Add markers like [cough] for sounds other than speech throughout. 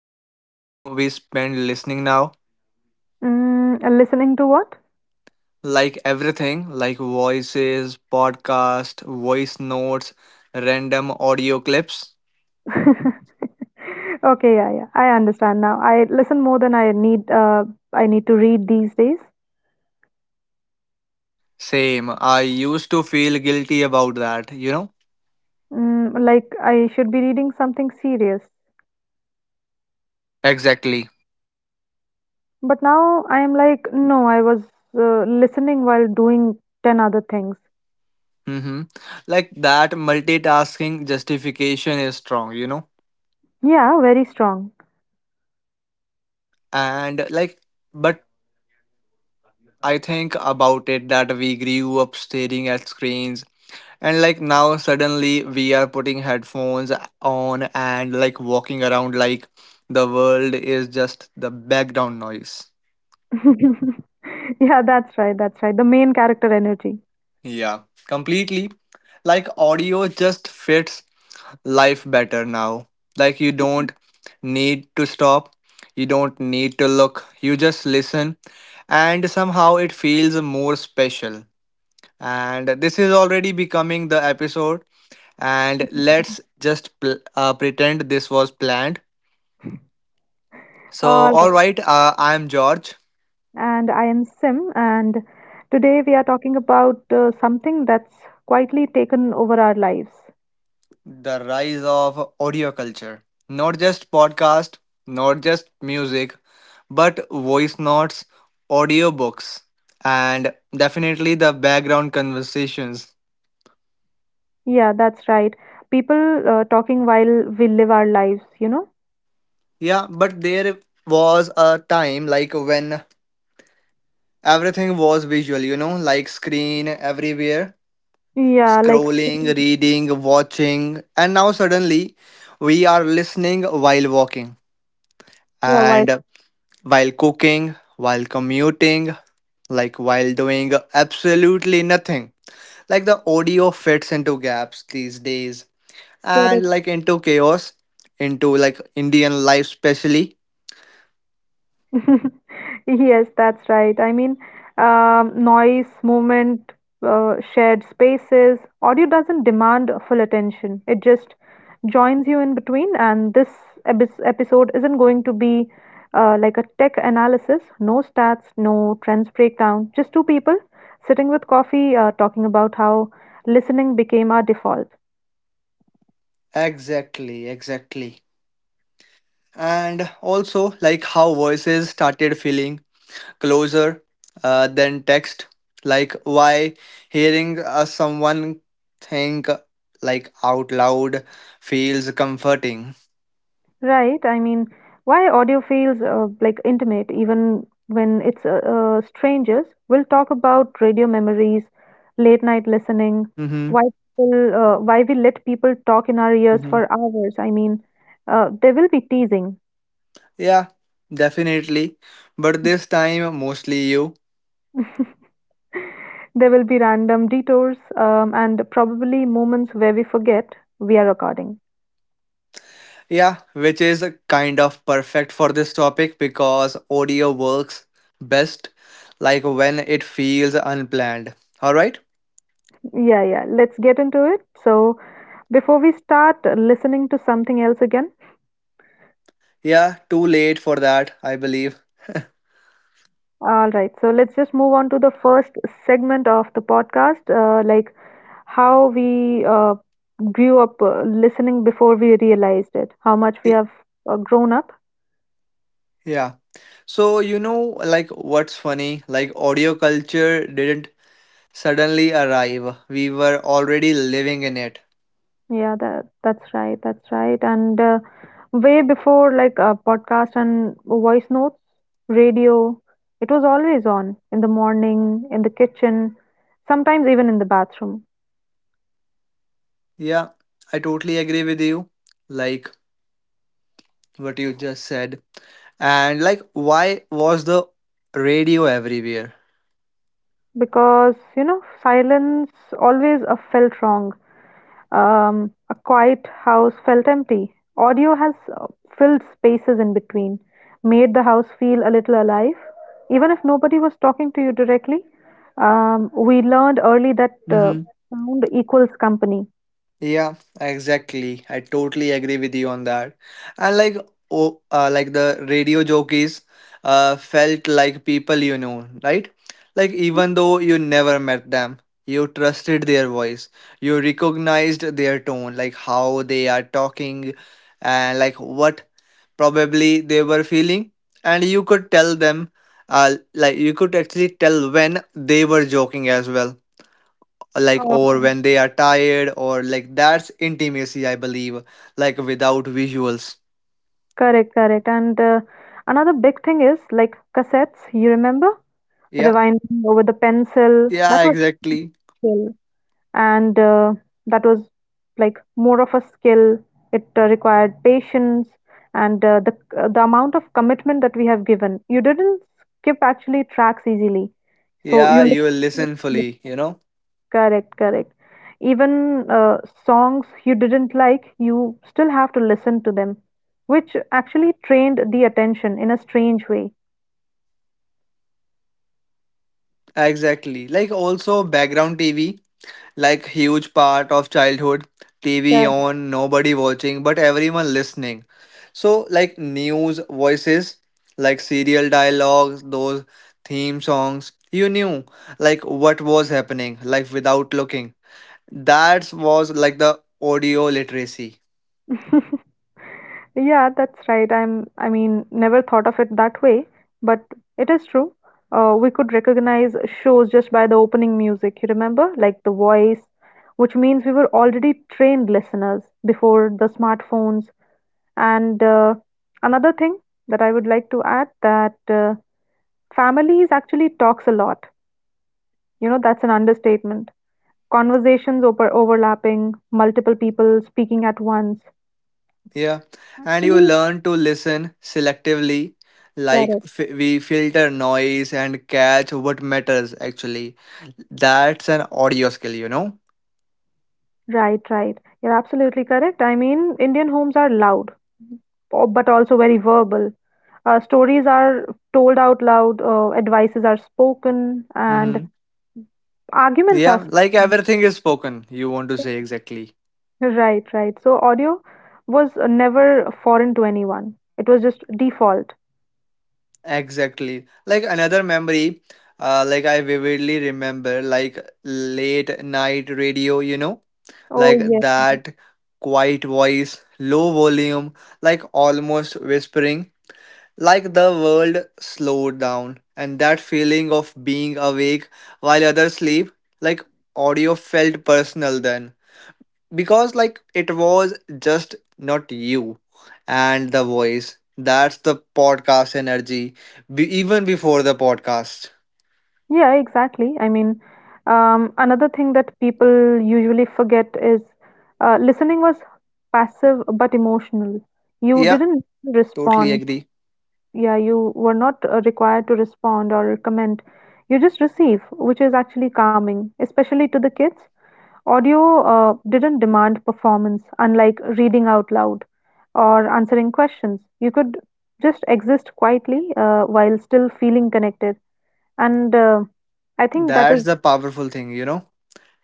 how much time we spend listening now? Listening to what? Like everything, like voices, podcast, voice notes, random audio clips. [laughs] Okay, yeah, yeah. I understand now. I listen more than I need to read these days. Same, I used to feel guilty about that, you know? Mm, like I should be reading something serious. Exactly. But now I am like, no, I was listening while doing 10 other things. Mm-hmm. Like that multitasking justification is strong, you know? Yeah, very strong. And like, but I think about it that we grew up staring at screens and like now suddenly we are putting headphones on and like walking around like the world is just the background noise. [laughs] Yeah, that's right. That's right. The main character energy. Yeah, completely. Like audio just fits life better now. Like you don't need to stop, you don't need to look, you just listen and somehow it feels more special. And this is already becoming the episode and Mhm. let's just pretend this was planned. So, All all right, I'm George. And I am Sim, and today we are talking about something that's quietly taken over our lives. The rise of audio culture, not just podcast, not just music, but voice notes, audiobooks, and definitely the background conversations. Yeah, that's right. People talking while we live our lives, you know? Yeah, but there was a time like when everything was visual, you know, like screen everywhere, Yeah, like, scrolling, reading, watching, and now suddenly we are listening while walking yeah, and while cooking, while commuting, like while doing absolutely nothing. Like the audio fits into gaps these days and while, like into chaos, into like Indian life, specially. [laughs] Yes, that's right. I mean, noise, movement, shared spaces. Audio doesn't demand full attention, it just joins you in between. And this ebis episode isn't going to be like a tech analysis, no stats, no trends breakdown, just two people sitting with coffee, talking about how listening became our default. Exactly, exactly. And also, like how voices started feeling closer than text. Like, why hearing someone think like out loud feels comforting. Right. I mean, why audio feels like intimate even when it's strangers. We'll talk about radio memories, late night listening, Mm-hmm. why why we let people talk in our ears Mm-hmm. for hours. I mean, there will be teasing. Yeah, definitely. But this time, mostly you. [laughs] There will be random detours, and probably moments where we forget we are recording. Yeah, which is kind of perfect for this topic because audio works best like when it feels unplanned. All right. Yeah, yeah. Let's get into it. So, before we start listening to something else again, Yeah, too late for that, I believe. all right, so let's just move on to the first segment of the podcast, like how we grew up listening before we realized it, how much we Y- have grown up. Yeah. So, you know, like what's funny, like audio culture didn't suddenly arrive. We were already living in it. Yeah, that's right, that's right. And way before like podcast and voice notes, radio, it was always on in the morning, in the kitchen, sometimes even in the bathroom, Yeah, I totally agree with you. Like what you just said. And like why was the radio everywhere? because you know silence always felt wrong. A quiet house felt empty. Audio has filled spaces in between, made the house feel a little alive. Even if nobody was talking to you directly, we learned early that Mm-hmm. sound equals company. Yeah, exactly. I totally agree with you on that. And like oh, like the radio jockeys felt like people you know, right? Like even though you never met them, you trusted their voice. You recognized their tone, like how they are talking and like what probably they were feeling and you could tell them like you could actually tell when they were joking as well, like or Um, when they are tired, or like that's intimacy, I believe, like without visuals. Correct, correct. And another big thing is like cassettes, you remember? Yeah, Rewinding over the pencil. That yeah, was. exactly. And that was like more of a skill. It required patience and the amount of commitment that we have given. You didn't skip actually tracks easily, so Yeah, you you will listen look fully, you know. correct, correct. Even songs you didn't like, you still have to listen to them, which actually trained the attention in a strange way. Exactly, like also background TV, like huge part of childhood, TV Correct. on, nobody watching but everyone listening. So like news voices, like serial dialogues, those theme songs you knew, like what was happening, like without looking. That was like the audio literacy. [laughs] Yeah, that's right. I mean, never thought of it that way, but it is true. We could recognize shows just by the opening music, you remember? Like The Voice, which means we were already trained listeners before the smartphones. And another thing that I would like to add that families actually talks a lot. You know, that's an understatement. Conversations over overlapping, multiple people speaking at once. Yeah. And you Actually, learn to listen selectively, like correct. We filter noise and catch what matters actually. That's an audio skill, you know? Right, right. You're absolutely correct. I mean, Indian homes are loud, but also very verbal. Stories are told out loud, advices are spoken, and Hmm. arguments are Yeah. Like spoken. everything is spoken, you want to say exactly. Right, right. So audio was never foreign to anyone. It was just default. Exactly. Like another memory, like I vividly remember, like late night radio, you know? Oh, Like yes. that quiet voice, low volume, like almost whispering, like the world slowed down. And that feeling of being awake while others sleep, like audio felt personal then. Because, like, it was just not you and the voice. That's the podcast energy, even before the podcast. Yeah, exactly. I mean, another thing that people usually forget is listening was passive but emotional. You Yeah, didn't totally respond. agree. Yeah, you were not required to respond or comment. You just receive, which is actually calming, especially to the kids. Audio didn't demand performance, unlike reading out loud or answering questions. You could just exist quietly while still feeling connected. And I think that That's is the powerful thing, you know?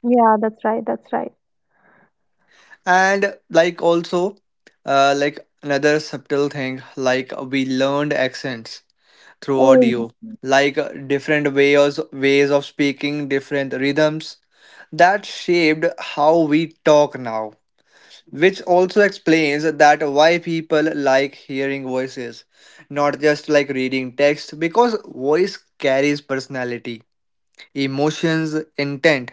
yeah, that's right. That's right. And like also, like another subtle thing, like we learned accents through Oh, yeah. audio, like different ways of speaking, different rhythms that shaped how we talk now, which also explains that why people like hearing voices, not just like reading text, because voice carries personality, emotions, intent.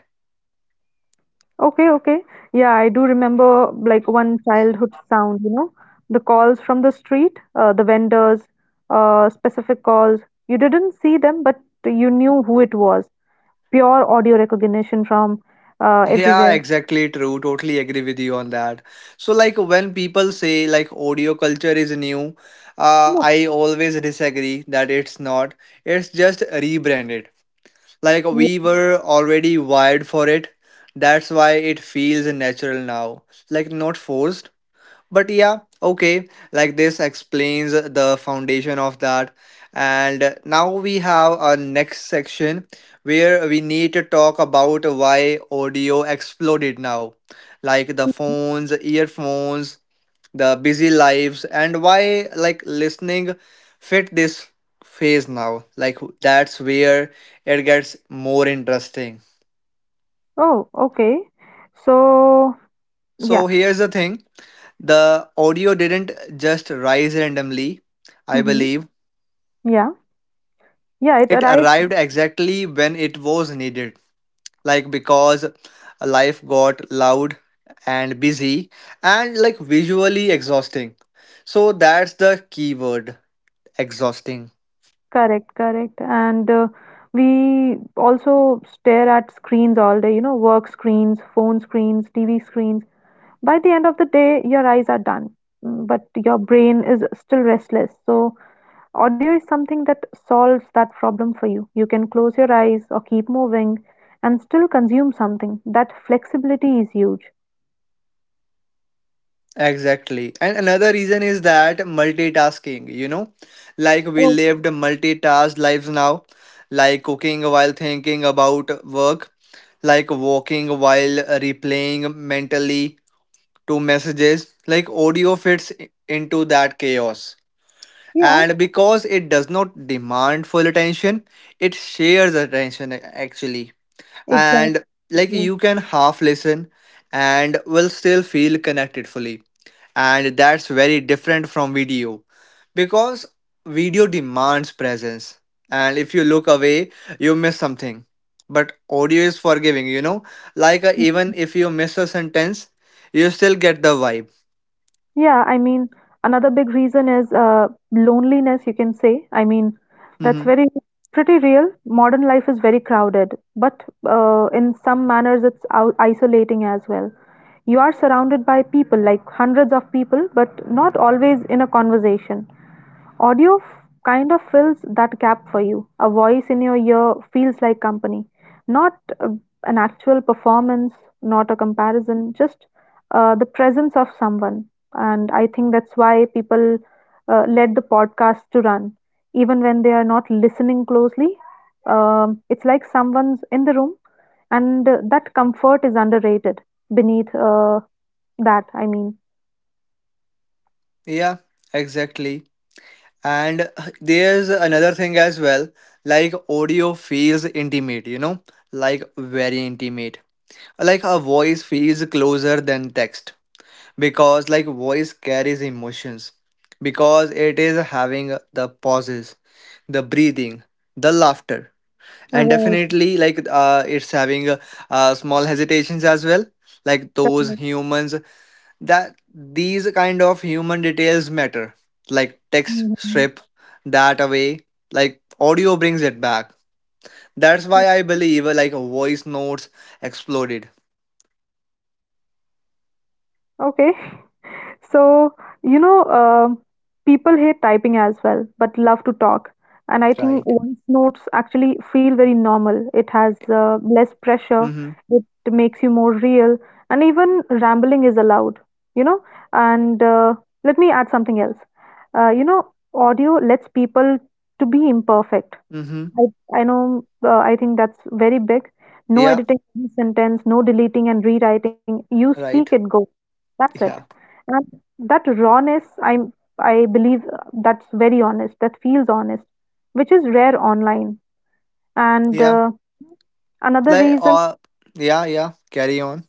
Okay, okay. Yeah, I do remember like one childhood sound, you know, the calls from the street, the vendors, specific calls. You didn't see them, but you knew who it was. Pure audio recognition from Yeah, everywhere. exactly true. Totally agree with you on that. So, like when people say like audio culture is new, No. I always disagree that it's not. It's just rebranded. Like we Yeah. were already wired for it. That's why it feels natural now. Like not forced, but yeah, okay, like this explains the foundation of that, and now we have our next section where we need to talk about why audio exploded now, like the phones, earphones, the busy lives and why like listening fit this phase now, like that's where it gets more interesting. Oh, okay. So, yeah. So here's the thing, the audio didn't just rise randomly, I Mm-hmm. believe. Yeah. Yeah, it It arrived. arrived exactly when it was needed, like because life got loud and busy and like visually exhausting. So that's the key word, exhausting. Correct, correct. And we also stare at screens all day, you know, work screens, phone screens, TV screens. By the end of the day, your eyes are done, but your brain is still restless. So, audio is something that solves that problem for you. You can close your eyes or keep moving and still consume something. That flexibility is huge. Exactly. And another reason is that multitasking, you know, like we Oh, lived multitask lives now, like cooking while thinking about work, like walking while replaying mentally to messages, like audio fits into that chaos, yeah, and because it does not demand full attention, it shares attention actually. exactly. And like you can half listen and will still feel connected fully, and that's very different from video because video demands presence, and if you look away you miss something, but audio is forgiving, you know, like even if you miss a sentence you still get the vibe. Yeah, I mean, another big reason is loneliness, you can say. I mean, that's Mm-hmm. very pretty real. Modern life is very crowded, but in some manners, it's isolating as well. You are surrounded by people, like hundreds of people, but not always in a conversation. Audio f- Kind of fills that gap for you. A voice in your ear feels like company. Not uh, an actual performance, not a comparison, just the presence of someone. And I think that's why people let the podcast to run. Even when they are not listening closely, it's like someone's in the room, and that comfort is underrated beneath that, I mean. Yeah, exactly. And there's another thing as well. Like audio feels intimate, you know, like very intimate. Like a voice feels closer than text because like voice carries emotions because it is having the pauses, the breathing, the laughter, and Right. definitely like it's having small hesitations as well. Like those Correct. humans, that these kind of human details matter, like text Mhm. strip that away, like audio brings it back. That's why I believe like voice notes exploded. Okay. So, you know, people hate typing as well, but love to talk. And I think Right. voice notes actually feel very normal. It has less pressure, Mm-hmm. it makes you more real, and even rambling is allowed, you know. And let me add something else. You know, audio lets people to be imperfect. Mm-hmm. I I know, I think that's very big. No Yeah, editing any sentence, no deleting and rewriting. You speak it, right. go. That's it. Yeah, And that rawness, I believe that's very honest. That feels honest, which is rare online. And yeah. Another like reason uh yeah, yeah, carry on.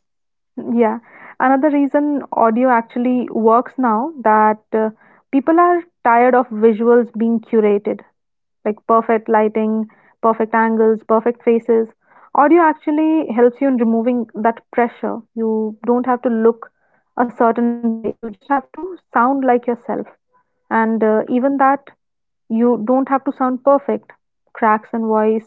yeah. Another reason audio actually works now that people are tired of visuals being curated, like perfect lighting, perfect angles, perfect faces. Audio actually helps you in removing that pressure. You don't have to look a certain way. You just have to sound like yourself. And even that, you don't have to sound perfect. Cracks in voice,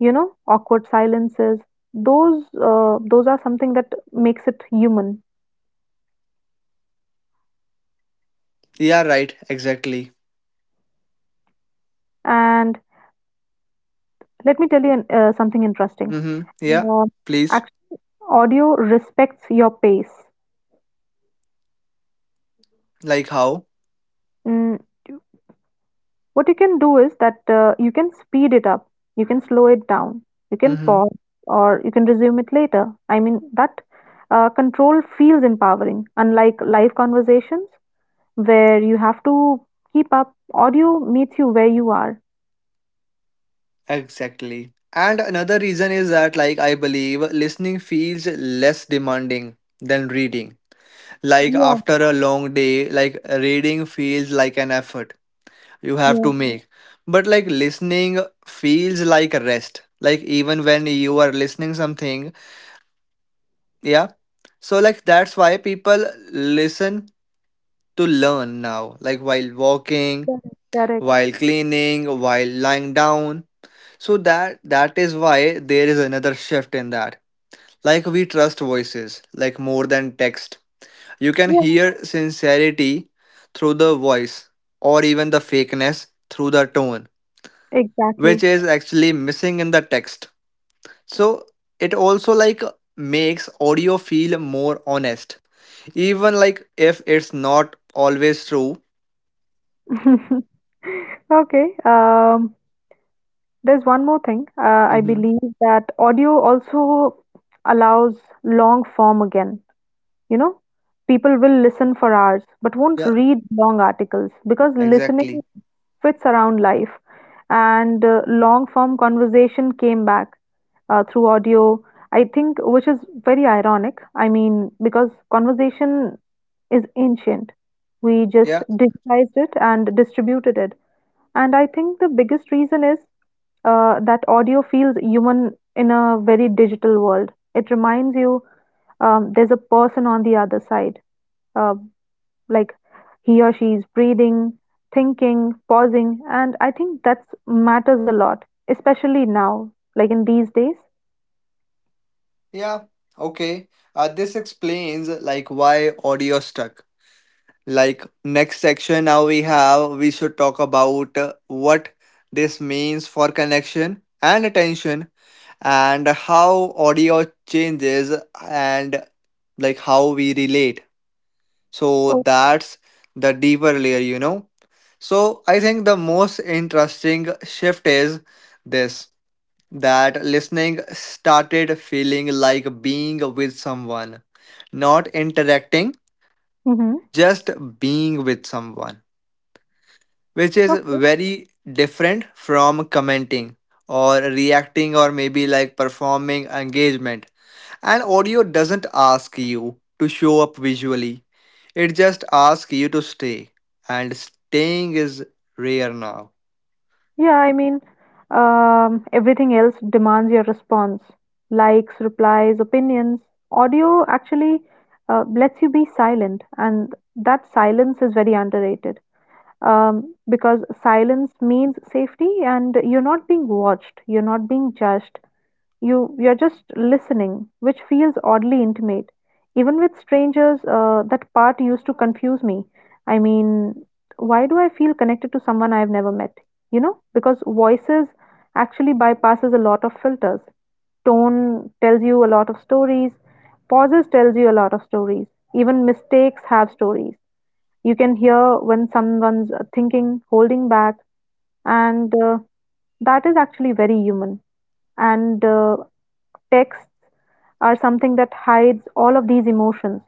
you know, awkward silences. Those are something that makes it human. Yeah, right, exactly. And let me tell you something interesting. Mm-hmm, yeah, Uh, please. act- Audio respects your pace. Like how? Mm, what you can do is that you can speed it up, you can slow it down, you can Mm-hmm. pause, or you can resume it later. I mean, that control feels empowering, unlike live conversations where you have to keep up. Audio meets you where you are. Exactly. And another reason is that, like, I believe listening feels less demanding than reading. Like, Yeah, after a long day, like, reading feels like an effort you have yeah, to make. But, like, listening feels like a rest. Like, even when you are listening something, yeah. So, like, that's why people listen to learn now, like, while walking, correct. Correct. while cleaning, while lying down, so that that is why there is another shift in that. Like we trust voices, like more than text. You can Yeah, hear sincerity through the voice, or even the fakeness through the tone, which exactly. is actually missing in the text. So it also like makes audio feel more honest, even like if it's not always true. [laughs] Okay. There's one more thing. I Mm-hmm. believe that audio also allows long form again. You know, people will listen for hours but won't Yeah, read long articles because listening exactly. fits around life. And long form conversation came back through audio, I think, which is very ironic. I mean, because conversation is ancient. We just Yeah, digitized it and distributed it. And I think the biggest reason is that audio feels human in a very digital world. It reminds you there's a person on the other side. Uh, like he or she is breathing, thinking, pausing, and I think that matters a lot, especially now, like in these days. yeah. Okay. This explains like why audio stuck. Like next section now we have, we should talk about what this means for connection and attention and how audio changes and like how we relate. So Oh, that's the deeper layer, you know. So I think the most interesting shift is this, that listening started feeling like being with someone, not interacting, mm-hmm. just being with someone, which is very different from commenting or reacting or maybe like performing engagement. And audio doesn't ask you to show up visually, it just asks you to stay. And staying is rare now. Yeah, I mean, everything else demands your response likes, replies, opinions. Audio actually lets you be silent, and that silence is very underrated because silence means safety, and you're not being watched, you're not being judged, you're just listening, which feels oddly intimate. Even with strangers, that part used to confuse me. I mean, why do I feel connected to someone I've never met? You know, because voices actually bypasses a lot of filters. Tone tells you a lot of stories. Pauses tells you a lot of stories. Even mistakes have stories. You can hear when someone's thinking, holding back, and that is actually very human. And texts are something that hides all of these emotions.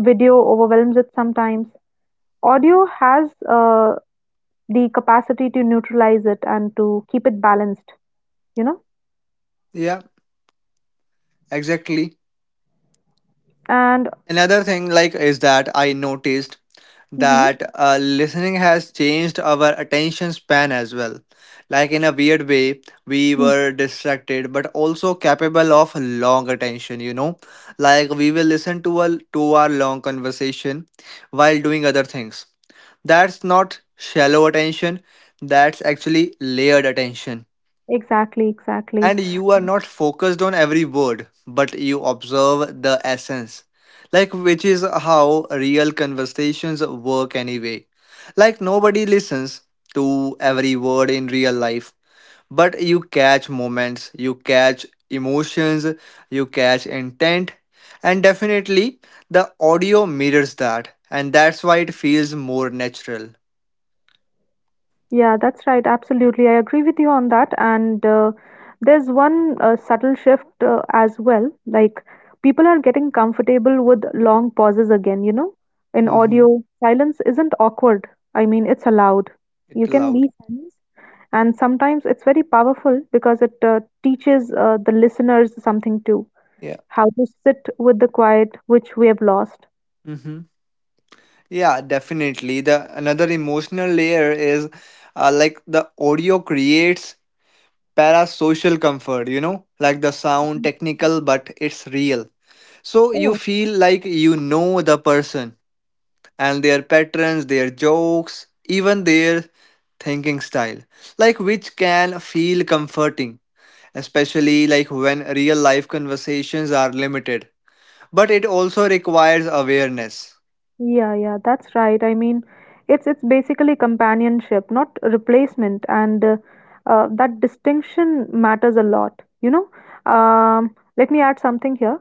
Video overwhelms it sometimes. Audio has the capacity to neutralize it and to keep it balanced, you know? Yeah, exactly. And Another thing like is that I noticed mhm. that listening has changed our attention span as well. Like in a weird way, we Mm, were distracted but also capable of long attention, you know? Like we will listen to a two-hour long conversation while doing other things. That's not shallow attention, that's actually layered attention, exactly, exactly. and you are not focused on every word but you observe the essence, like which is how real conversations work anyway, like nobody listens to every word in real life, but you catch moments, you catch emotions, you catch intent, and definitely the audio mirrors that, and that's why it feels more natural. Yeah, that's right. Absolutely. I agree with you on that. And there's one subtle shift as well. Like, people are getting comfortable with long pauses again, you know? In Mm-hmm. audio, silence isn't awkward. I mean, it's allowed. You It's can loud. be silent. And sometimes it's very powerful because it teaches the listeners something too, Yeah. how to sit with the quiet which we have lost. Mm-hmm. Yeah, definitely. The another emotional layer is like the audio creates parasocial comfort, you know, like the sound technical but it's real. So you Oh, feel like you know the person and their patterns, their jokes, even their thinking style, like which can feel comforting, especially like when real life conversations are limited. But it also requires awareness. yeah, yeah, that's right. I mean, it's basically companionship, not replacement, and that distinction matters a lot. You know, let me add something here.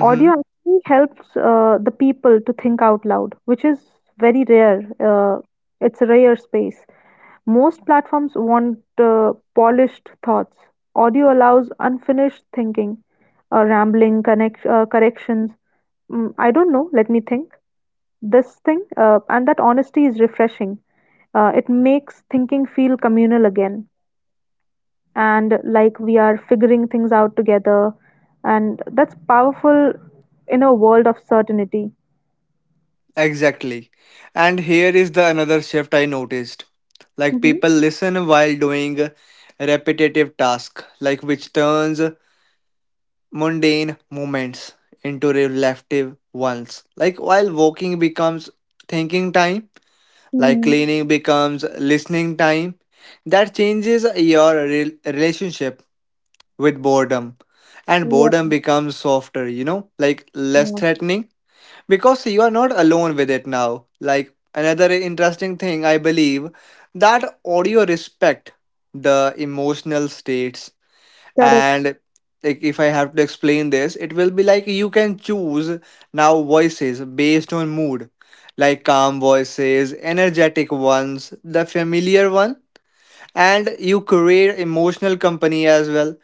Audio actually helps the people to think out loud, which is very rare. It's a rare space. Most platforms want polished thoughts. Audio allows unfinished thinking, rambling, connect, corrections. Mm, I don't know. Let me think this thing and that honesty is refreshing. It makes thinking feel communal again, and like we are figuring things out together, and that's powerful in a world of certainty. Exactly. And here is the another shift I noticed. Like Mm-hmm. people listen while doing repetitive tasks, like which turns mundane moments into reflective ones. Like while walking becomes thinking time, like Mm-hmm. cleaning becomes listening time. That changes your relationship with boredom. And boredom Yeah. becomes softer, you know, like less Yeah. threatening because you are not alone with it now. Like another interesting thing, I believe, that audio respect the emotional states, Correct. and like if I have to explain this, it will be like you can choose now voices based on mood, like calm voices, energetic ones, the familiar one, and you create emotional company as well,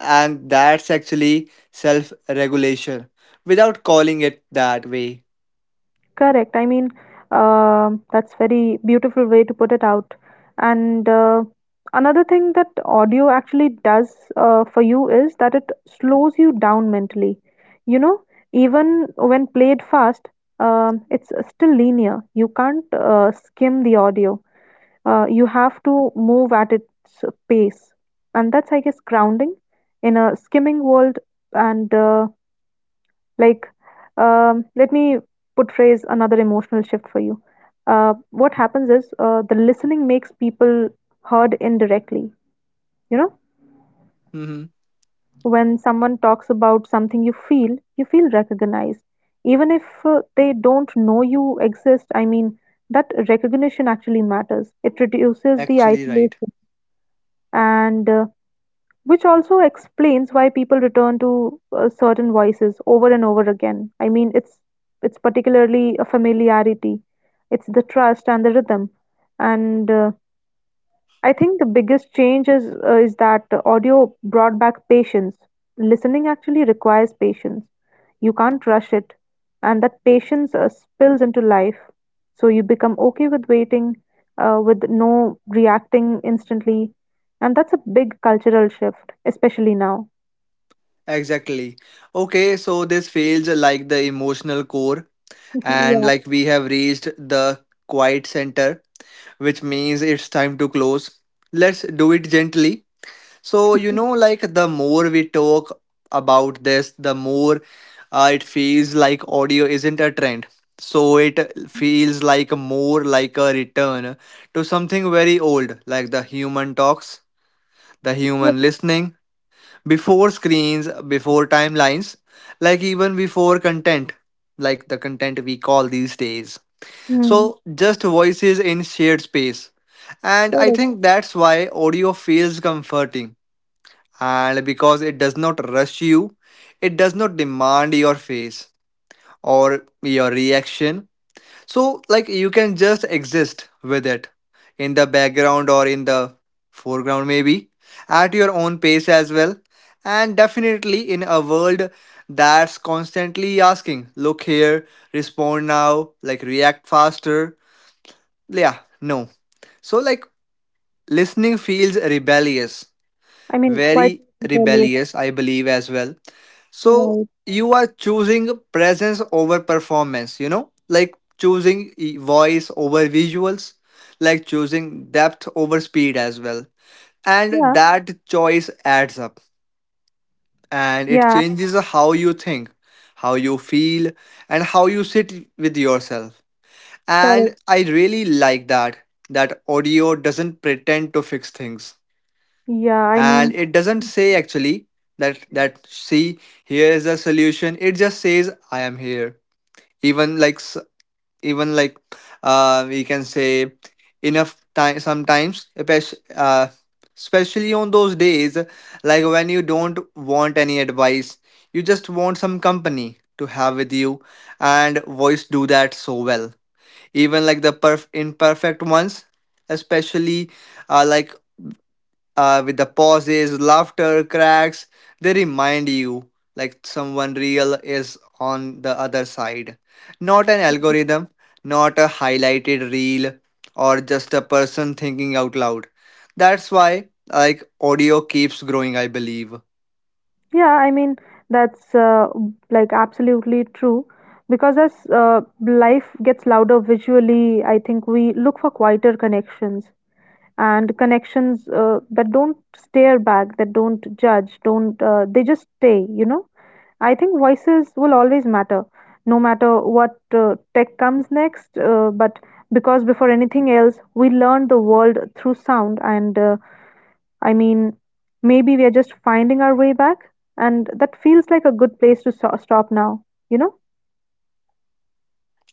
and that's actually self regulation without calling it that way. Correct. I mean, that's very beautiful way to put it out. And another thing that audio actually does for you is that it slows you down mentally. You know, even when played fast, it's still linear. You can't skim the audio. You have to move at its pace, and that's, I guess, grounding in a skimming world. And like, let me put phrase another emotional shift for you. What happens is the listening makes people heard indirectly. You know, Mhm. when someone talks about something you feel recognized. Even if they don't know you exist, I mean, that recognition actually matters. It reduces the Actually, right. isolation and which also explains why people return to certain voices over and over again. I mean, it's particularly a familiarity, it's the trust and the rhythm, and I think the biggest change is is that audio brought back patience. Listening actually requires patience. You can't rush it, and that patience spills into life. So you become okay with waiting, with no reacting instantly, and that's a big cultural shift, especially now. Exactly. Okay, so this feels like the emotional core, [laughs] and Yeah, like we have reached the quiet center, which means it's time to close. Let's do it gently. So, you know, like the more we talk about this, the more it feels like audio isn't a trend. So, it feels like more like a return to something very old, like the human talks, the yeah, human listening before screens, before timelines, like even before content, like the content we call these days. mm, So, just voices in shared space. And I correct. think that's why audio feels comforting. And because it does not rush you, it does not demand your face or your reaction. So, like, you can just exist with it in the background or in the foreground, maybe at your own pace as well. And definitely in a world that's constantly asking, look here, respond now, like, react faster. Yeah, no. So, like, listening feels rebellious, I mean, quite very rebellious, rebellious, I believe, as well. So right? you are choosing presence over performance, you know, like choosing voice over visuals, like choosing depth over speed as well. Yeah, And that choice adds up and yeah, it changes how you think, how you feel, and how you sit with yourself. correct. And I really like that, that audio doesn't pretend to fix things, Yeah, I mean, and it doesn't say actually that that see here is the solution, it just says I am here, even like even like, we can say, enough time sometimes, especially on those days, like when you don't want any advice, you just want some company to have with you, and voice do that so well, even like the imperfect ones, especially like, with the pauses, laughter, cracks. They remind you like someone real is on the other side. Not an algorithm, not a highlighted reel, or just a person thinking out loud. That's why like audio keeps growing, I believe. Yeah, I mean, that's like absolutely true. Because as life gets louder visually, I think we look for quieter connections, and connections that don't stare back, that don't judge, don't, they just stay, you know? I think voices will always matter, no matter what tech comes next. But because before anything else, we learn the world through sound, and I mean, maybe we are just finding our way back, and that feels like a good place to stop now, you know?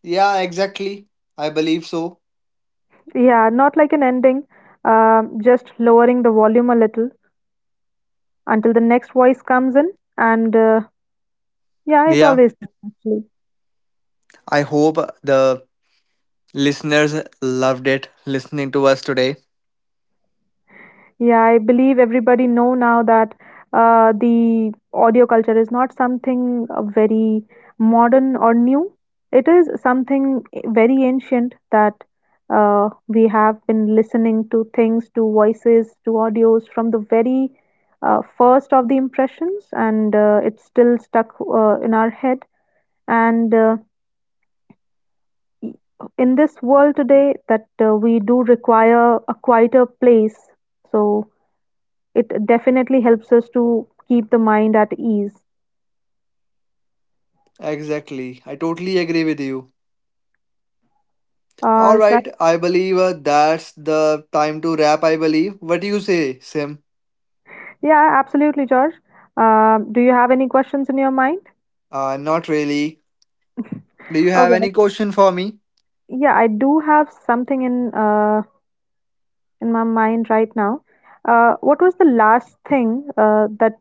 Yeah, exactly. I believe so. Yeah, not like an ending, just lowering the volume a little until the next voice comes in, and yeah, it Yeah, always does, actually. I hope the listeners loved it listening to us today. Yeah, I believe everybody know now that the audio culture is not something very modern or new. It is something very ancient that we have been listening to things, to voices, to audios from the very first of the impressions, and it's still stuck in our head. And y- in this world today, that we do require a quieter place. So it definitely helps us to keep the mind at ease. Exactly. I totally agree with you. All All right. right, I believe that's the time to wrap. I believe. What do you say, Sim? Yeah, absolutely, George. Do you have any questions in your mind? Not really. Do you have Okay. any question for me? Yeah, I do have something in my mind right now. What was the last thing that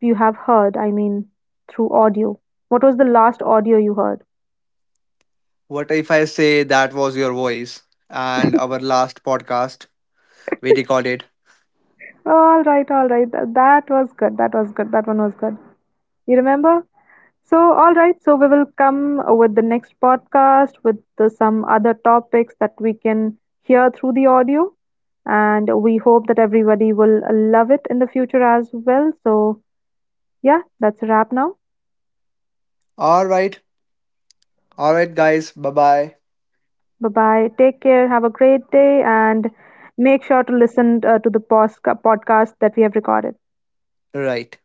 you have heard? I mean, through audio. What was the last audio you heard? What if I say that was your voice and our last podcast we recorded? All right, all right. That was good. That was good. That one was good. You remember? So, all right. So, we will come with the next podcast with the, some other topics that we can hear through the audio. And we hope that everybody will love it in the future as well. So, yeah, that's a wrap now. All right, all right, guys. Bye bye. Bye bye. Take care. Have a great day. And make sure to listen to the podcast that we have recorded. Right.